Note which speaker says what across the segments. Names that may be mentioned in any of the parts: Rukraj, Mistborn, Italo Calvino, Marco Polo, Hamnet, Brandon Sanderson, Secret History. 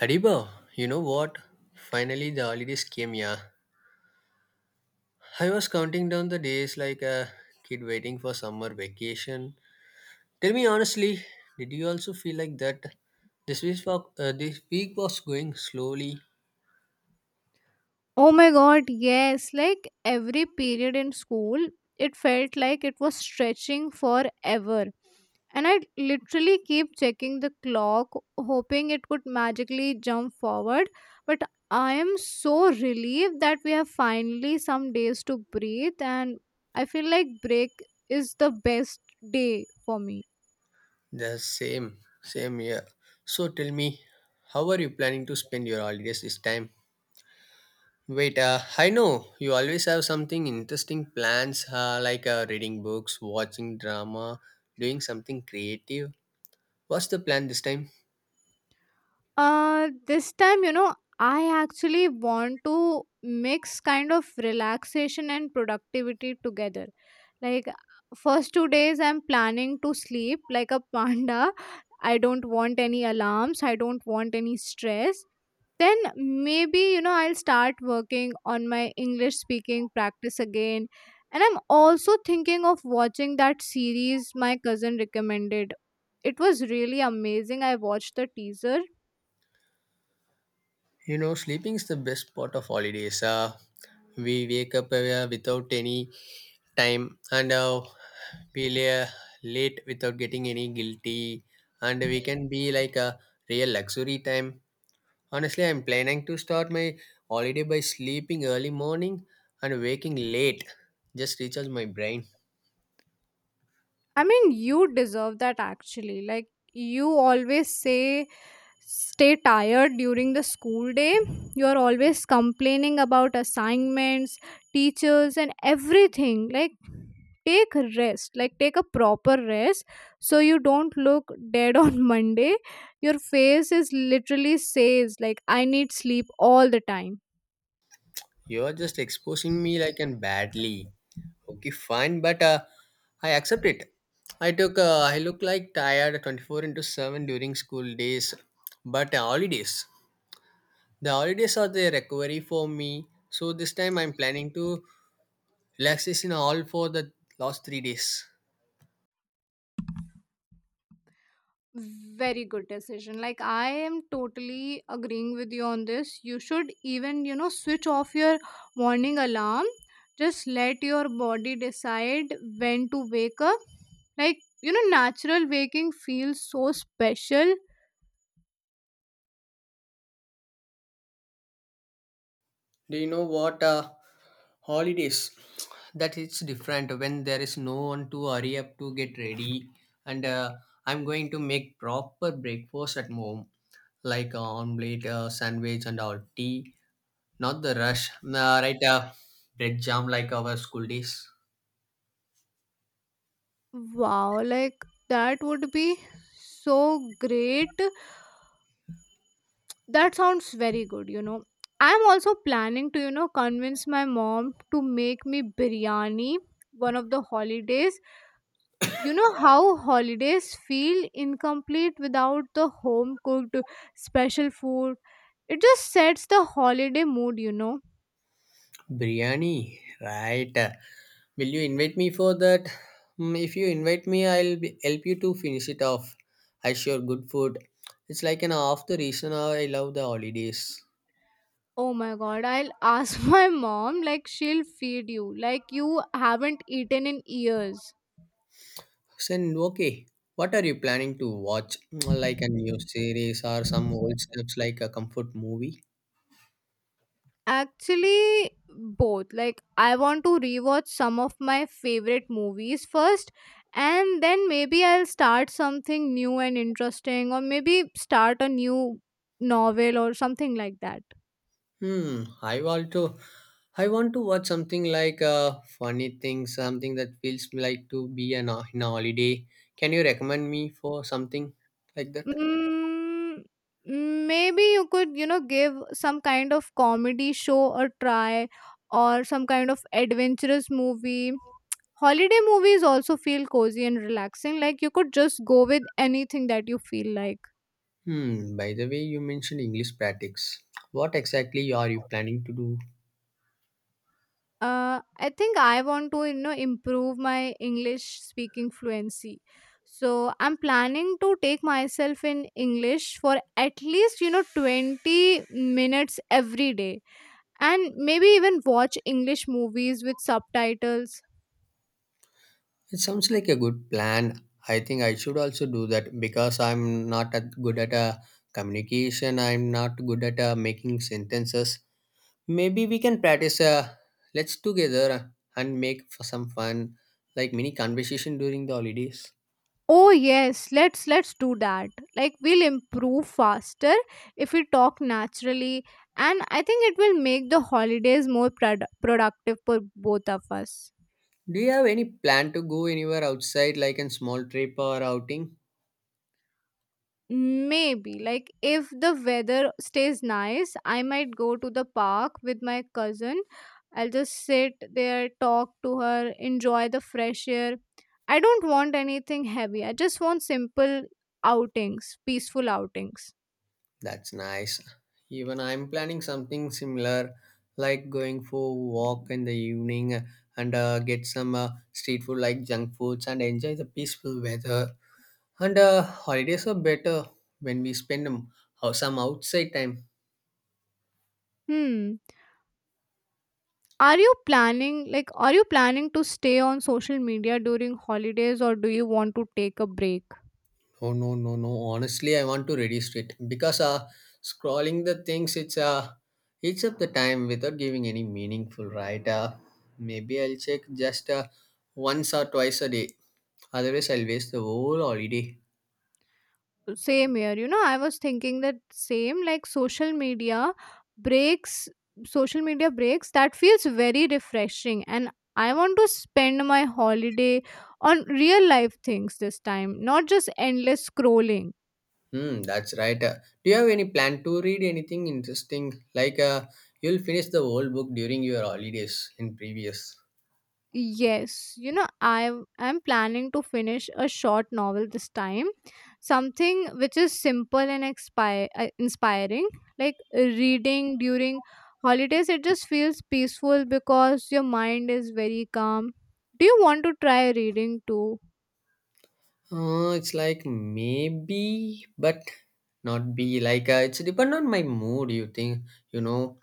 Speaker 1: Hariba, you know what? Finally, the holidays came, yeah. I was counting down the days like a kid waiting for summer vacation. Tell me honestly, did you also feel like that? This week, this week was going slowly.
Speaker 2: Oh my god, yes. Like every period in school, it felt like it was stretching forever. And I literally keep checking the clock, hoping it would magically jump forward. But I am so relieved that we have finally some days to breathe, and I feel like break is the best day for me.
Speaker 1: The same, same year. So tell me, how are you planning to spend your holidays this time? I know you always have something interesting plans, reading books, watching drama, doing something creative. What's the plan this time?
Speaker 2: This time, I actually want to mix kind of relaxation and productivity together. Like, first 2 days, I'm planning to sleep like a panda. I don't want any alarms, I don't want any stress. Then maybe, I'll start working on my English speaking practice again. And I'm also thinking of watching that series my cousin recommended. It was really amazing. I watched the teaser.
Speaker 1: You know, sleeping is the best part of holidays. We wake up without any time, and we lay late without getting any guilty, and we can be like a real luxury time. Honestly, I'm planning to start my holiday by sleeping early morning and waking late. Just recharge my brain.
Speaker 2: I mean, you deserve that actually. Like, you always say, stay tired during the school day. You're always complaining about assignments, teachers, and everything. Like, take a rest, like, take a proper rest so you don't look dead on Monday. Your face is literally says, like, I need sleep all the time.
Speaker 1: You're just exposing me like and badly. Okay, fine, but I accept it. I look like tired 24 into 7 during school days, but holidays. The holidays are the recovery for me. So this time I'm planning to relaxation all for the last 3 days.
Speaker 2: Very good decision. Like, I am totally agreeing with you on this. You should even switch off your morning alarm, just let your body decide when to wake up. Like, natural waking feels so special.
Speaker 1: Do you know what holidays? That it's different when there is no one to hurry up to get ready, and I'm going to make proper breakfast at home like omelette, sandwich, and all tea. Not the rush. Right, bread jam like our school days.
Speaker 2: Wow, like that would be so great. That sounds very good. I'm also planning to convince my mom to make me biryani one of the holidays. How holidays feel incomplete without the home cooked special food. It just sets the holiday mood.
Speaker 1: Biryani, right. Will you invite me for that? Mm, if you invite me, I'll be, help you to finish it off. I sure good food. It's like an half the reason I love the holidays.
Speaker 2: Oh my god, I'll ask my mom, like, she'll feed you like you haven't eaten in years.
Speaker 1: Sen, okay. What are you planning to watch? Mm, like a new series or some old stuffs like a comfort movie?
Speaker 2: Actually both, like, I want to rewatch some of my favorite movies first, and then maybe I'll start something new and interesting, or maybe start a new novel or something like that.
Speaker 1: Hmm. I want to watch something like a funny thing, something that feels like to be an in a holiday. Can you recommend me for something like that?
Speaker 2: Mm, maybe you could, you know, give some kind of comedy show a try, or some kind of adventurous movie. Holiday movies also feel cozy and relaxing. Like, you could just go with anything that you feel like.
Speaker 1: Hmm. By the way, you mentioned English practice. What exactly are you planning to do?
Speaker 2: I think I want to, you know, improve my English speaking fluency. So I'm planning to take myself in English for at least, you know, 20 minutes every day, and maybe even watch english movies with subtitles.
Speaker 1: It sounds like a good plan. I think I should also do that because I'm not at good at a communication. I'm not good at making sentences. Maybe we can practice let's together and make for some fun, like mini conversation during the holidays.
Speaker 2: Oh yes, let's do that. Like, we'll improve faster if we talk naturally, and I think it will make the holidays more productive for both of us.
Speaker 1: Do you have any plan to go anywhere outside, like a small trip or outing?
Speaker 2: Maybe, like, if the weather stays nice, I might go to the park with my cousin. I'll just sit there, talk to her, enjoy the fresh air. I don't want anything heavy. I just want simple outings, peaceful outings.
Speaker 1: That's nice. Even I'm planning something similar, like going for a walk in the evening and get some street food like junk foods and enjoy the peaceful weather. And holidays are better when we spend some outside time.
Speaker 2: Hmm. Are you planning, like, are you planning to stay on social media during holidays, or do you want to take a break?
Speaker 1: Oh no no no! Honestly, I want to reduce it because scrolling the things it's eats up the time without giving any meaningful right. Maybe I'll check just once or twice a day. Otherwise, I'll waste the whole holiday.
Speaker 2: Same here. You know, I was thinking that same, like, breaks, social media breaks that feels very refreshing. And I want to spend my holiday on real life things this time, not just endless scrolling.
Speaker 1: Hmm, that's right. Do you have any plan to read anything interesting? You'll finish the whole book during your holidays in previous.
Speaker 2: Yes, you know, I'm planning to finish a short novel this time. Something which is simple and inspiring. Like, reading during holidays, it just feels peaceful because your mind is very calm. Do you want to try reading too?
Speaker 1: It's like maybe, but not be like it's depend on my mood. You think you know,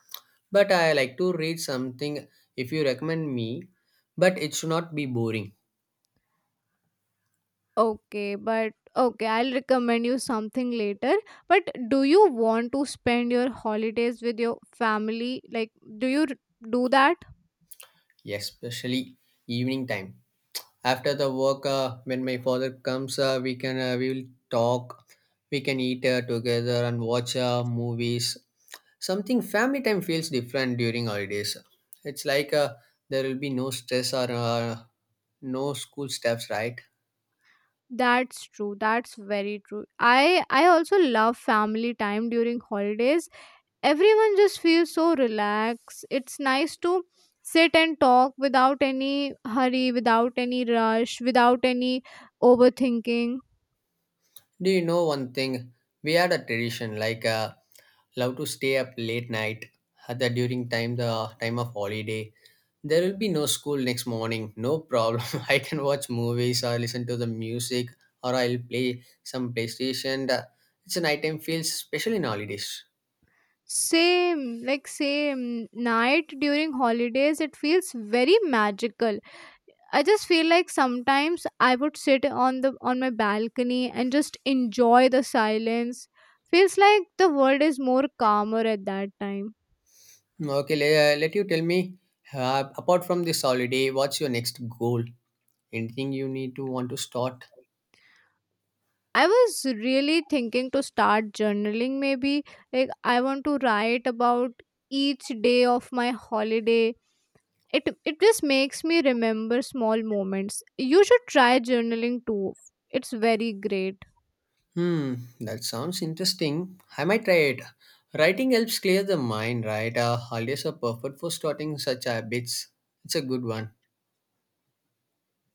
Speaker 1: but I like to read something if you recommend me, but it should not be boring,
Speaker 2: Okay, but okay, I'll recommend you something later. But do you want to spend your holidays with your family? Like, do do that?
Speaker 1: especially evening time. After the work, when my father comes, we will talk, we can eat together and watch movies. Something family time feels different during holidays. It's like There will be no stress or no school stuffs, right?
Speaker 2: That's true. That's very true. I also love family time during holidays. Everyone just feels so relaxed. It's nice to sit and talk without any hurry, without any rush, without any overthinking.
Speaker 1: Do you know one thing? We had a tradition like. Love to stay up late night at the during time the time of holiday, there will be no school next morning, no problem. I can watch movies or listen to the music, or I'll play some playstation. It's a nighttime feels especially in holidays.
Speaker 2: Same, like same night during holidays, it feels very magical. I just feel like sometimes I would sit on the on my balcony and just enjoy the silence. Feels like the world is more calmer at that time.
Speaker 1: Let you tell me, apart from this holiday what's your next goal, anything you need to want to start.
Speaker 2: I was really thinking to start journaling maybe. Like, I want to write about each day of my holiday. It just makes me remember small moments. You should try journaling too. It's very great.
Speaker 1: Hmm, that sounds interesting. I might try it. Writing helps clear the mind, right? Holidays are perfect for starting such habits. It's a good one,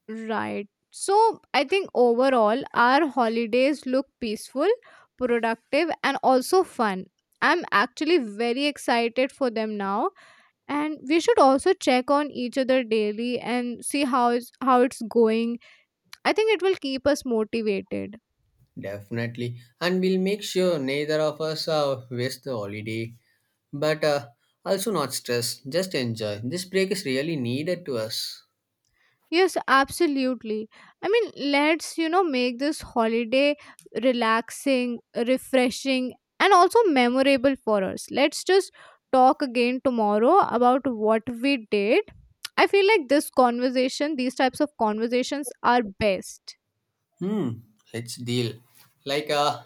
Speaker 2: Right. So I think overall our holidays look peaceful, productive, and also fun. I'm actually very excited for them now, and we should also check on each other daily and see how it's going. I think it will keep us motivated.
Speaker 1: definitely. And we'll make sure neither of us waste the holiday. But also not stress, just enjoy. This break is really needed to us.
Speaker 2: Yes, absolutely. I mean, let's, you know, make this holiday relaxing, refreshing, and also memorable for us. Let's just talk again tomorrow about what we did. I feel like this conversation, these types of conversations are best.
Speaker 1: Hmm, let's deal. Like uh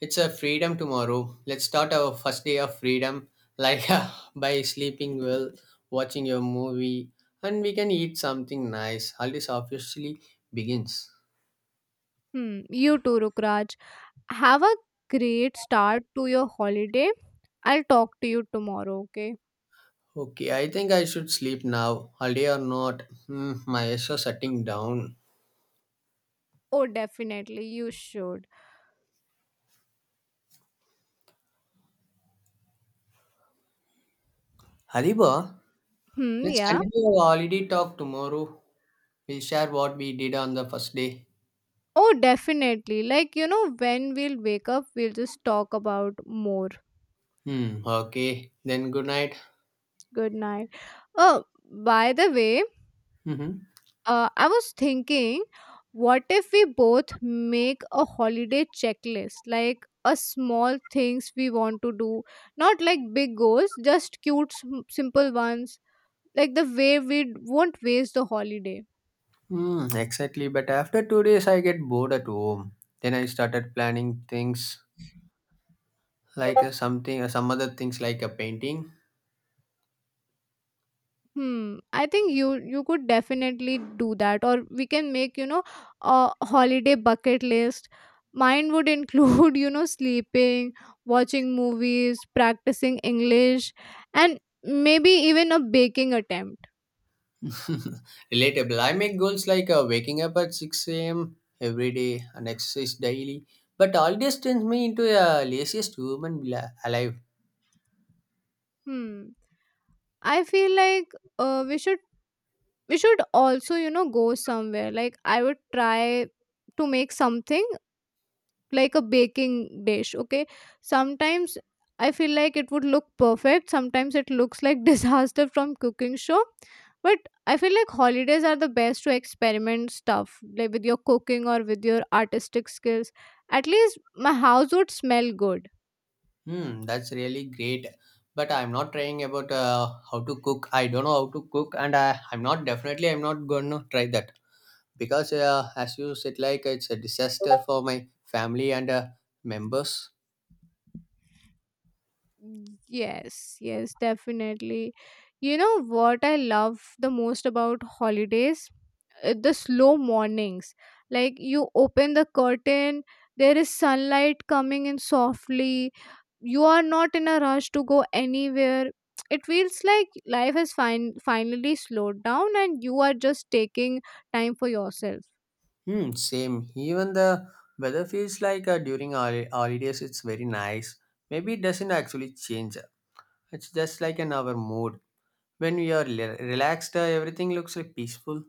Speaker 1: it's a freedom tomorrow. Let's start our first day of freedom like by sleeping well, watching a movie, and we can eat something nice. Holidays officially begins.
Speaker 2: Hmm. You too, Rukraj. Have a great start to your holiday. I'll talk to you tomorrow, okay?
Speaker 1: Okay, I think I should sleep now. Holiday or not, hmm, my eyes are shutting down.
Speaker 2: Oh, definitely. You should.
Speaker 1: Hariba,
Speaker 2: Hmm.
Speaker 1: let's
Speaker 2: Yeah.
Speaker 1: continue our holiday talk tomorrow. We'll share what we did on the first day.
Speaker 2: Oh, definitely. Like, you know, when we'll wake up, we'll just talk about more.
Speaker 1: Hmm, okay. Then good night.
Speaker 2: Good night. Oh, by the way,
Speaker 1: Mm-hmm.
Speaker 2: I was thinking, what if we both make a holiday checklist? Like, a small things we want to do, not like big goals, just cute, simple ones. Like, the way we won't waste the holiday.
Speaker 1: Hmm, exactly. But after 2 days, I get bored at home. Then I started planning things like some other things like a painting.
Speaker 2: Hmm. I think you could definitely do that, or we can make, you know, a holiday bucket list. Mine would include you know sleeping, watching movies, practicing English, and maybe even a baking attempt.
Speaker 1: Relatable. I make goals like waking up at 6 a.m. every day and exercise daily. But all this turns me into a laziest human alive.
Speaker 2: Hmm. I feel like uh, we should we should also, you know, go somewhere. Like, I would try to make something like a baking dish, okay. Sometimes I feel like it would look perfect, sometimes it looks like disaster from cooking show. But I feel like holidays are the best to experiment stuff, like with your cooking or with your artistic skills. At least my house would smell good.
Speaker 1: Hmm, that's really great. But I'm not trying about how to cook. I don't know how to cook, and I'm not definitely I'm not gonna try that, because as you said like it's a disaster for my family and members.
Speaker 2: Yes, yes, definitely. You know what I love the most about holidays? The slow mornings. Like, you open the curtain, there is sunlight coming in softly, you are not in a rush to go anywhere. It feels like life has finally slowed down, and you are just taking time for yourself.
Speaker 1: Hmm, same, even the weather feels like during holidays it's very nice. Maybe it doesn't actually change, it's just like in our mood. When we are relaxed, everything looks like peaceful.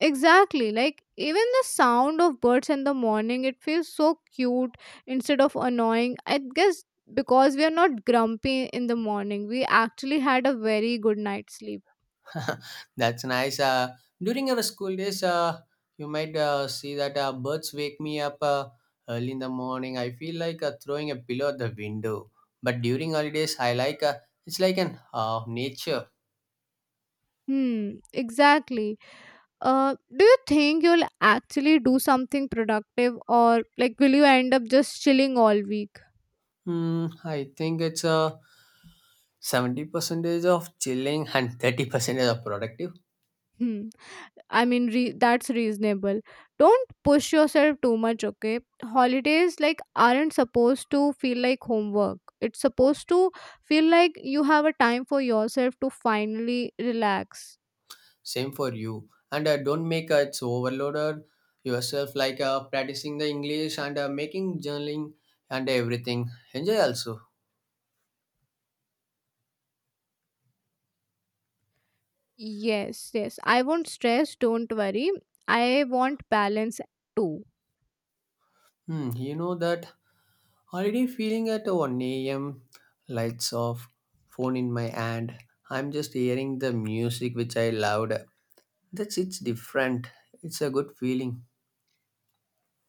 Speaker 2: Exactly, like even the sound of birds in the morning, it feels so cute instead of annoying, I guess, because we are not grumpy in the morning. We actually had a very good night's sleep.
Speaker 1: That's nice. During our school days, you might see that birds wake me up early in the morning. I feel like throwing a pillow at the window. But during holidays, I like it's like an nature.
Speaker 2: Hmm, exactly. Do you think you'll actually do something productive, or like will you end up just chilling all week?
Speaker 1: Hmm, I think it's 70 percentage of chilling and 30% of productive.
Speaker 2: Hmm. I mean, that's reasonable. Don't push yourself too much, okay? Holidays like aren't supposed to feel like homework. It's supposed to feel like you have a time for yourself to finally relax.
Speaker 1: Same for you. And don't make it's overloaded yourself like practicing the English and making journaling and everything. Enjoy also.
Speaker 2: Yes, yes. I won't stress, don't worry. I want balance too.
Speaker 1: Hmm, you know that already feeling at 1 a.m., lights off, phone in my hand. I'm just hearing the music which I loved. That's it's different. It's a good feeling.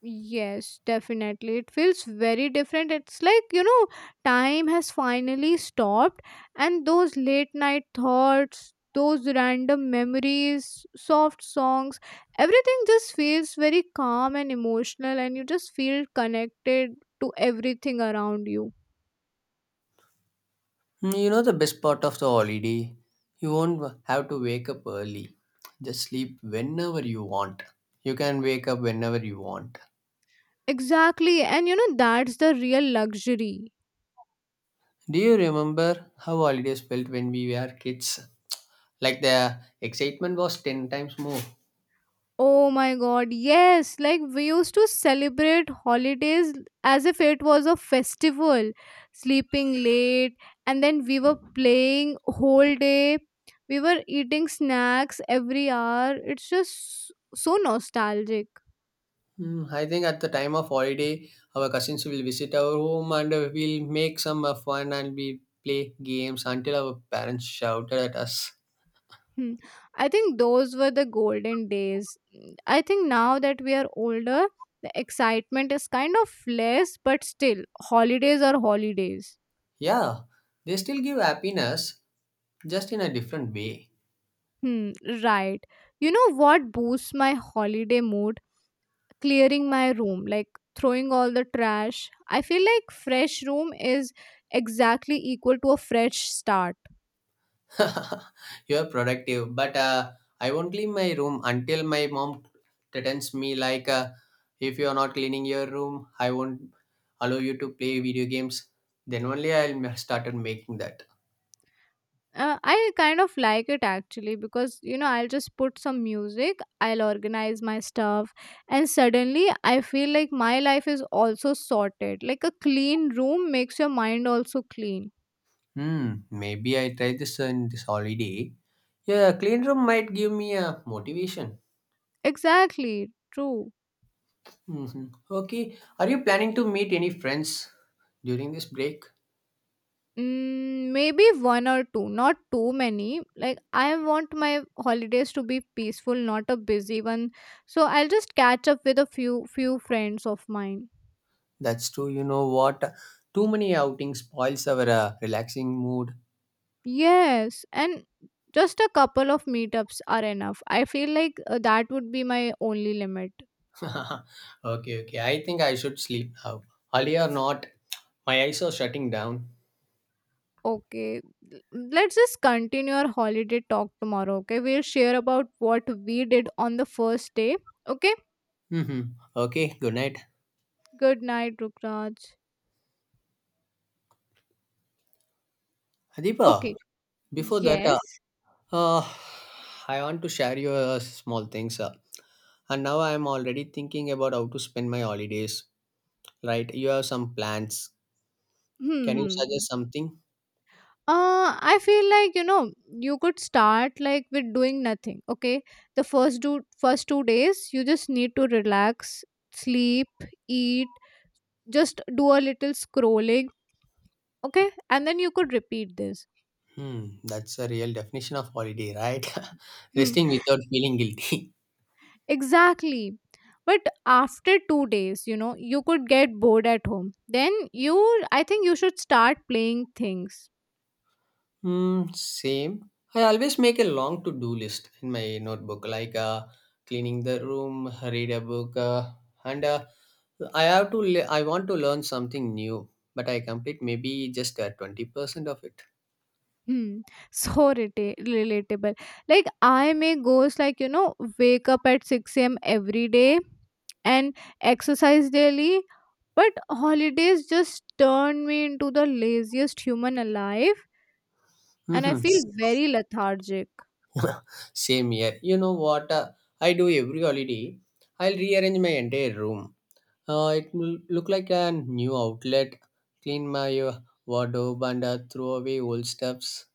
Speaker 2: Yes, definitely. It feels very different. It's like, you know, time has finally stopped, and those late night thoughts, those random memories, soft songs, everything just feels very calm and emotional, and you just feel connected to everything around you.
Speaker 1: Hmm, you know the best part of the holiday, you won't have to wake up early. Just sleep whenever you want. You can wake up whenever you want.
Speaker 2: Exactly. And, you know, that's the real luxury.
Speaker 1: Do you remember how holidays felt when we were kids? Like the excitement was 10 times more.
Speaker 2: Oh my god, yes! Like, we used to celebrate holidays as if it was a festival, sleeping late, and then we were playing whole day. We were eating snacks every hour. It's just so nostalgic.
Speaker 1: Mm, I think at the time of holiday, our cousins will visit our home and we'll make some fun, and we play games until our parents shouted at us.
Speaker 2: Hmm. I think those were the golden days. I think now that we are older, the excitement is kind of less, but still, holidays are holidays.
Speaker 1: Yeah, they still give happiness, just in a different way.
Speaker 2: Hmm, right. You know what boosts my holiday mood? Clearing my room, like throwing all the trash. I feel like fresh room is exactly equal to a fresh start.
Speaker 1: You're productive, but I won't leave my room until my mom threatens me like, if you're not cleaning your room, I won't allow you to play video games. Then only I'll start making that.
Speaker 2: I kind of like it actually, because you know I'll just put some music, I'll organize my stuff, and suddenly I feel like my life is also sorted. Like, a clean room makes your mind also clean.
Speaker 1: Hmm, maybe I try this on this holiday. Yeah, clean room might give me a motivation.
Speaker 2: Exactly, true.
Speaker 1: Hmm. Okay, are you planning to meet any friends during this break?
Speaker 2: Mm, maybe one or two, not too many. Like, I want my holidays to be peaceful, not a busy one. So I'll just catch up with a few friends of mine.
Speaker 1: That's true. You know what? Too many outings spoils our relaxing mood.
Speaker 2: Yes, and just a couple of meetups are enough. I feel like that would be my only limit.
Speaker 1: Okay, okay. I think I should sleep now. Early or not, my eyes are shutting down.
Speaker 2: Okay, l- let's just continue our holiday talk tomorrow. Okay, we'll share about what we did on the first day. Okay,
Speaker 1: Hmm. Okay, good night.
Speaker 2: good night, Rukraj.
Speaker 1: Adipa,
Speaker 2: Okay,
Speaker 1: before that,
Speaker 2: yes.
Speaker 1: uh, I want to share you a small things. And now I am already thinking about how to spend my holidays. Right? You have some plans.
Speaker 2: Hmm.
Speaker 1: Can you
Speaker 2: Hmm.
Speaker 1: suggest something?
Speaker 2: Uh, I feel like, you know, you could start like with doing nothing, okay. The first 2 days you just need to relax, sleep, eat, just do a little scrolling, okay, and then you could repeat this.
Speaker 1: Hmm, that's a real definition of holiday, right?
Speaker 2: Mm,
Speaker 1: Resting without feeling guilty.
Speaker 2: exactly, but after 2 days, you know, you could get bored at home. Then you, I think you should start playing things.
Speaker 1: Hmm, same. I always make a long to do list in my notebook, like cleaning the room, read a book, and I have to. I want to learn something new, but I complete maybe just 20% of it.
Speaker 2: Hmm. So relatable. Like, I may goes like, you know, wake up at 6 a.m. every day and exercise daily, but holidays just turn me into the laziest human alive, and I
Speaker 1: Mhm.
Speaker 2: feel very lethargic.
Speaker 1: Same here. You know what I do every holiday? I'll rearrange my entire room. It will look like a new outlet. Clean my wardrobe and throw away old stuffs.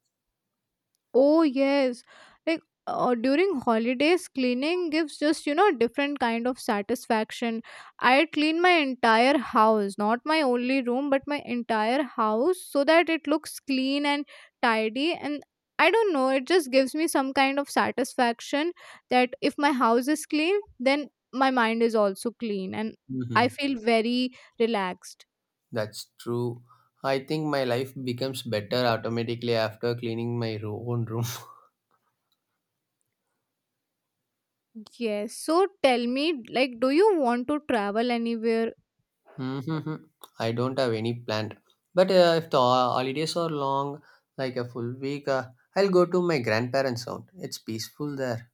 Speaker 2: Oh yes, like during holidays, cleaning gives just, you know, a different kind of satisfaction. I clean my entire house, not my only room, but my entire house, so that it looks clean and tidy. And I don't know, it just gives me some kind of satisfaction that if my house is clean, then my mind is also clean, and
Speaker 1: Hmm.
Speaker 2: I feel very relaxed.
Speaker 1: That's true. I think my life becomes better automatically after cleaning my own room.
Speaker 2: Yes. So tell me, like, do you want to travel anywhere?
Speaker 1: Hmm. I don't have any planned. But if the holidays are long, like a full week, I'll go to my grandparents' house. It's peaceful there.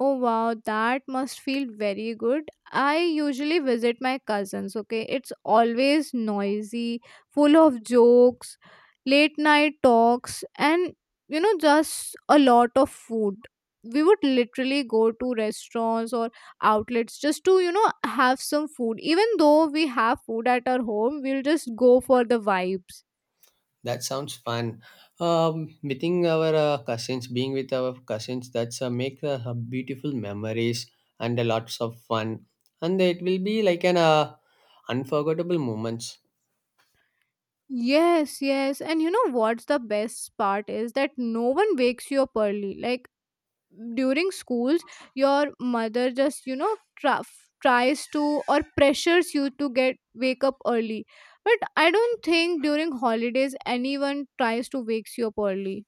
Speaker 2: Oh wow, that must feel very good. I usually visit my cousins, okay? It's always noisy, full of jokes, late night talks, and just a lot of food. We would literally go to restaurants or outlets just to, have some food. Even though we have food at our home, we'll just go for the vibes.
Speaker 1: That sounds fun. Meeting our cousins, being with our cousins, that's make beautiful memories and lots of fun. And it will be like an unforgettable moments.
Speaker 2: Yes, yes. And you know what's the best part is? That no one wakes you up early. Like, during schools your mother just tries to or pressures you to get wake up early, but I don't think during holidays anyone tries to wakes you up early.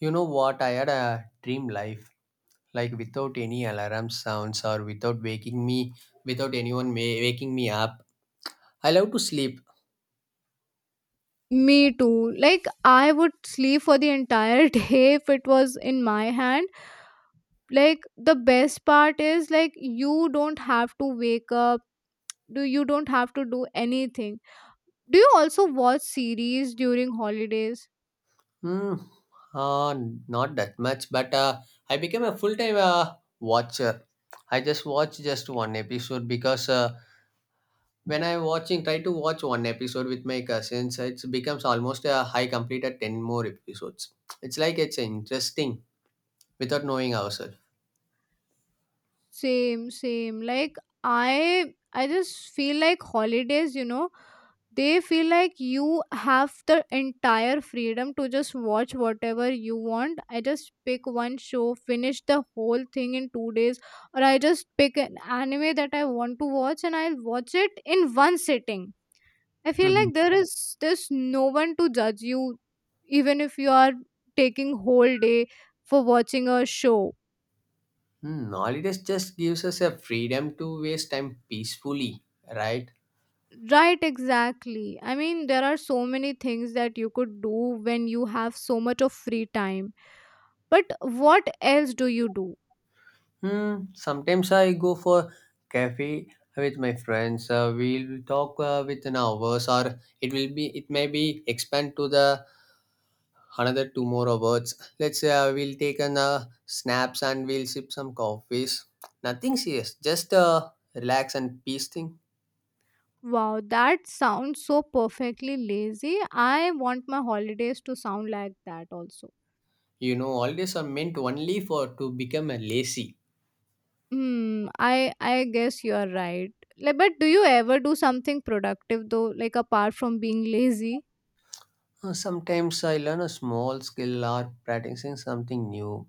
Speaker 1: You know what? I had a dream life, like without any alarm sounds or without waking me, without anyone waking me up. I love to sleep.
Speaker 2: Me too. Like, I would sleep for the entire day if it was in my hand. Like the best part is, like, you don't have to wake up, do you don't have to do anything. Do you also watch series during holidays?
Speaker 1: Hmm. Uh, Not that much, but I became a full time watcher. I just watched just one episode because. When I watching try to watch one episode with my cousins it becomes almost a high completed 10 more episodes it's like it's interesting without knowing ourselves.
Speaker 2: Same, same. Like, I just feel like holidays, you know, they feel like you have the entire freedom to just watch whatever you want. I just pick one show, finish the whole thing in 2 days, or I just pick an anime that I want to watch and I'll watch it in one sitting. I feel
Speaker 1: Mhm.
Speaker 2: like there's no one to judge you even if you are taking whole day for watching a show.
Speaker 1: Hmm, holidays just gives us a freedom to waste time peacefully, right.
Speaker 2: Right, exactly. I mean, there are so many things that you could do when you have so much of free time. But what else do you do?
Speaker 1: Hmm, sometimes I go for cafe with my friends, we'll talk within hours or it may be expand to the another two more awards. Let's say we'll take an snaps and we'll sip some coffees. Nothing serious, just relax and peace thing.
Speaker 2: Wow, that sounds so perfectly lazy. I want my holidays to sound like that also.
Speaker 1: You know, holidays are meant only for to become a lazy.
Speaker 2: Hmm, I guess you are right. Like, but do you ever do something productive though, like apart from being lazy?
Speaker 1: Sometimes I learn a small skill or practicing something new.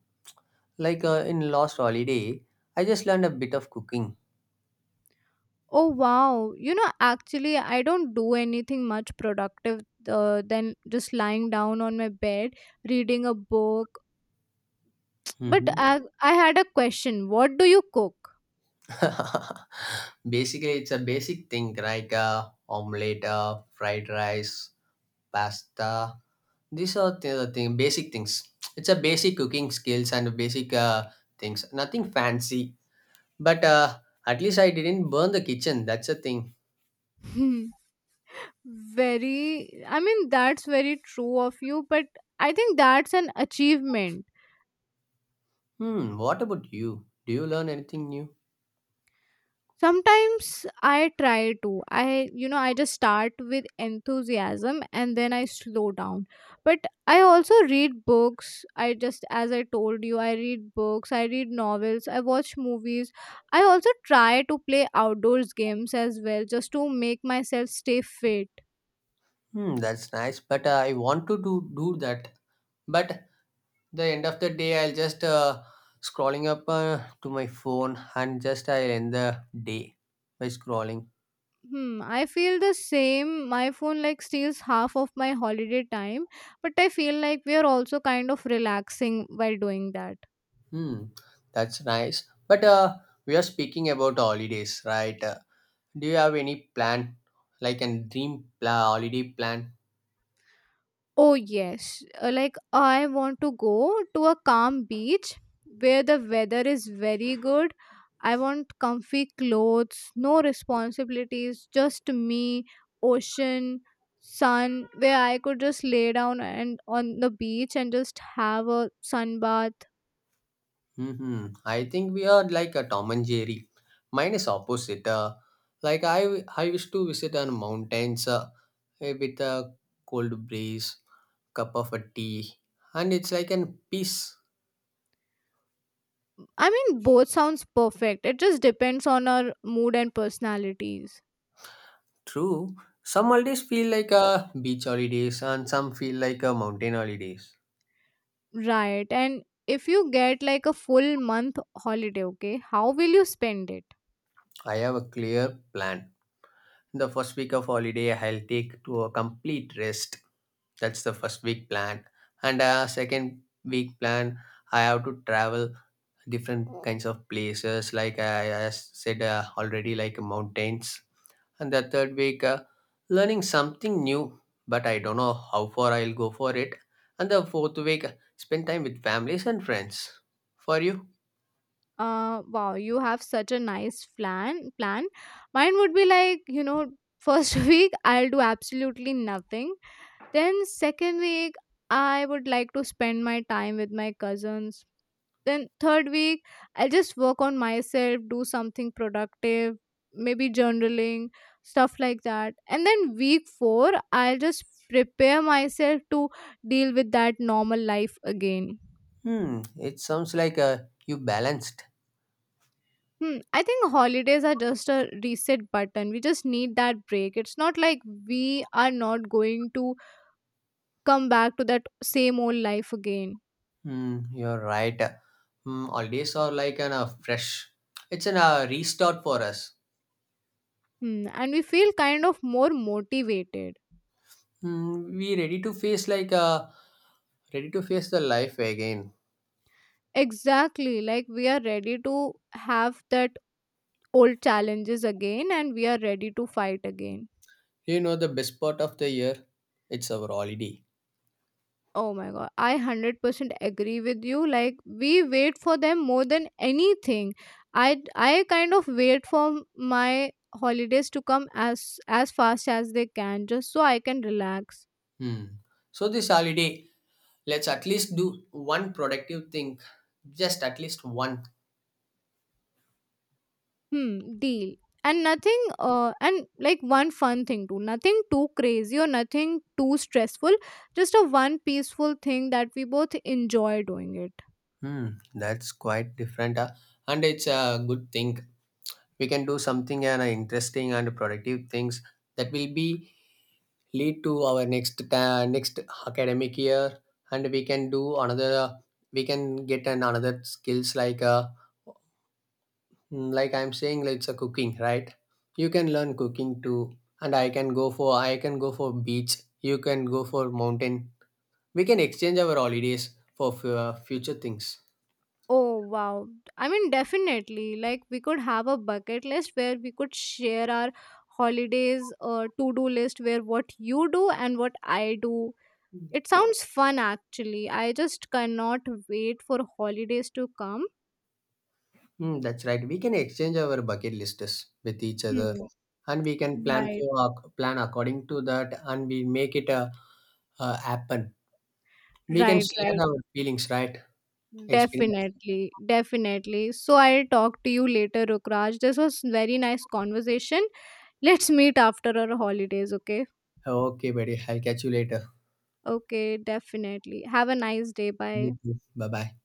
Speaker 1: Like in last holiday, I just learned a bit of cooking.
Speaker 2: Oh wow. You know, actually, I don't do anything much productive than just lying down on my bed, reading a book. But
Speaker 1: Hmm.
Speaker 2: I had a question. What do you cook?
Speaker 1: Basically, it's a basic thing like omelette, fried rice, pasta. These are the thing, basic things. It's a basic cooking skills and basic things. Nothing fancy, but at least I didn't burn the kitchen. That's a thing.
Speaker 2: Hmm. Very, I mean, that's very true of you, but I think that's an achievement.
Speaker 1: Hmm. What about you? Do you learn anything new?
Speaker 2: Sometimes I try to. I, you know, I just start with enthusiasm and then I slow down. But I also read books. I just, as I told you, I read books, I read novels, I watch movies. I also try to play outdoors games as well just to make myself stay fit.
Speaker 1: Hmm. That's nice. But I want to do that. But the end of the day, I'll just scrolling up to my phone and just I end the day by scrolling.
Speaker 2: Hmm, I feel the same. My phone like steals half of my holiday time, but I feel like we are also kind of relaxing while doing that.
Speaker 1: Hmm. That's nice. But we are speaking about holidays, right? Do you have any plan, like a holiday plan?
Speaker 2: Oh, yes. Like, I want to go to a calm beach where the weather is very good. I want comfy clothes, no responsibilities, just me, ocean, sun, where I could just lay down and on the beach and just have a sun bath.
Speaker 1: Hmm, I think we are like a Tom and Jerry. Mine is opposite. Like I used to visit on mountains, with a cold breeze, cup of a tea, and it's like an peace.
Speaker 2: I mean, both sounds perfect. It just depends on our mood and personalities.
Speaker 1: True. Some holidays feel like a beach holidays, and some feel like a mountain holidays.
Speaker 2: Right. And if you get like a full month holiday, okay, how will you spend it?
Speaker 1: I have a clear plan. The first week of holiday, I'll take to a complete rest. That's the first week plan. And second week plan, I have to travel different kinds of places, like I said already, like mountains. And the third week, learning something new, but I don't know how far I'll go for it. And the fourth week, spend time with families and friends. For you?
Speaker 2: Uh wow, you have such a nice plan. Mine would be like, you know, first week I'll do absolutely nothing, then second week I would like to spend my time with my cousins, then third week I'll just work on myself, do something productive, maybe journaling stuff like that, and then week 4 I'll just prepare myself to deal with that normal life again.
Speaker 1: Hmm, it sounds like you balanced.
Speaker 2: Hmm, I think holidays are just a reset button. We just need that break. It's not like we are not going to come back to that same old life again.
Speaker 1: Mm, you're right. Mm, holidays are like an fresh. It's an restart for us.
Speaker 2: Hmm, and we feel kind of more motivated.
Speaker 1: Mm, we ready to face like ready to face the life again.
Speaker 2: Exactly. Like we are ready to have that old challenges again and we are ready to fight again.
Speaker 1: You know the best part of the year, it's our holiday.
Speaker 2: Oh my god, I 100% agree with you. Like we wait for them more than anything. I kind of wait for my holidays to come as fast as they can just so I can relax.
Speaker 1: Hmm. So this holiday, let's at least do one productive thing, just at least one.
Speaker 2: Hmm, deal. And nothing and like one fun thing too. Nothing too crazy or nothing too stressful. Just a one peaceful thing that we both enjoy doing it.
Speaker 1: Hmm. That's quite different, and it's a good thing. We can do something and interesting and productive things that will be lead to our next academic year, and we can do another, we can get an another skills like like I'm saying like it's a cooking, right? You can learn cooking too, and I can go for, I can go for beach. You can go for mountain. We can exchange our holidays for future things.
Speaker 2: Oh wow. I mean, definitely, like we could have a bucket list where we could share our holidays to-do list where what you do and what I do. It sounds fun actually. I just cannot wait for holidays to come.
Speaker 1: Mm, that's right. We can exchange our bucket lists with each other,
Speaker 2: Hmm.
Speaker 1: and we can plan for
Speaker 2: Right.
Speaker 1: plan according to that, and we make it a happen. We can
Speaker 2: Right,
Speaker 1: share
Speaker 2: right.
Speaker 1: our feelings, right? Experience.
Speaker 2: Definitely. Definitely. So I'll talk to you later, Rukraj. This was very nice conversation. Let's meet after our holidays, okay?
Speaker 1: Okay, buddy. I'll catch you later.
Speaker 2: Okay, definitely. Have a nice day. Bye.
Speaker 1: You too. Bye bye.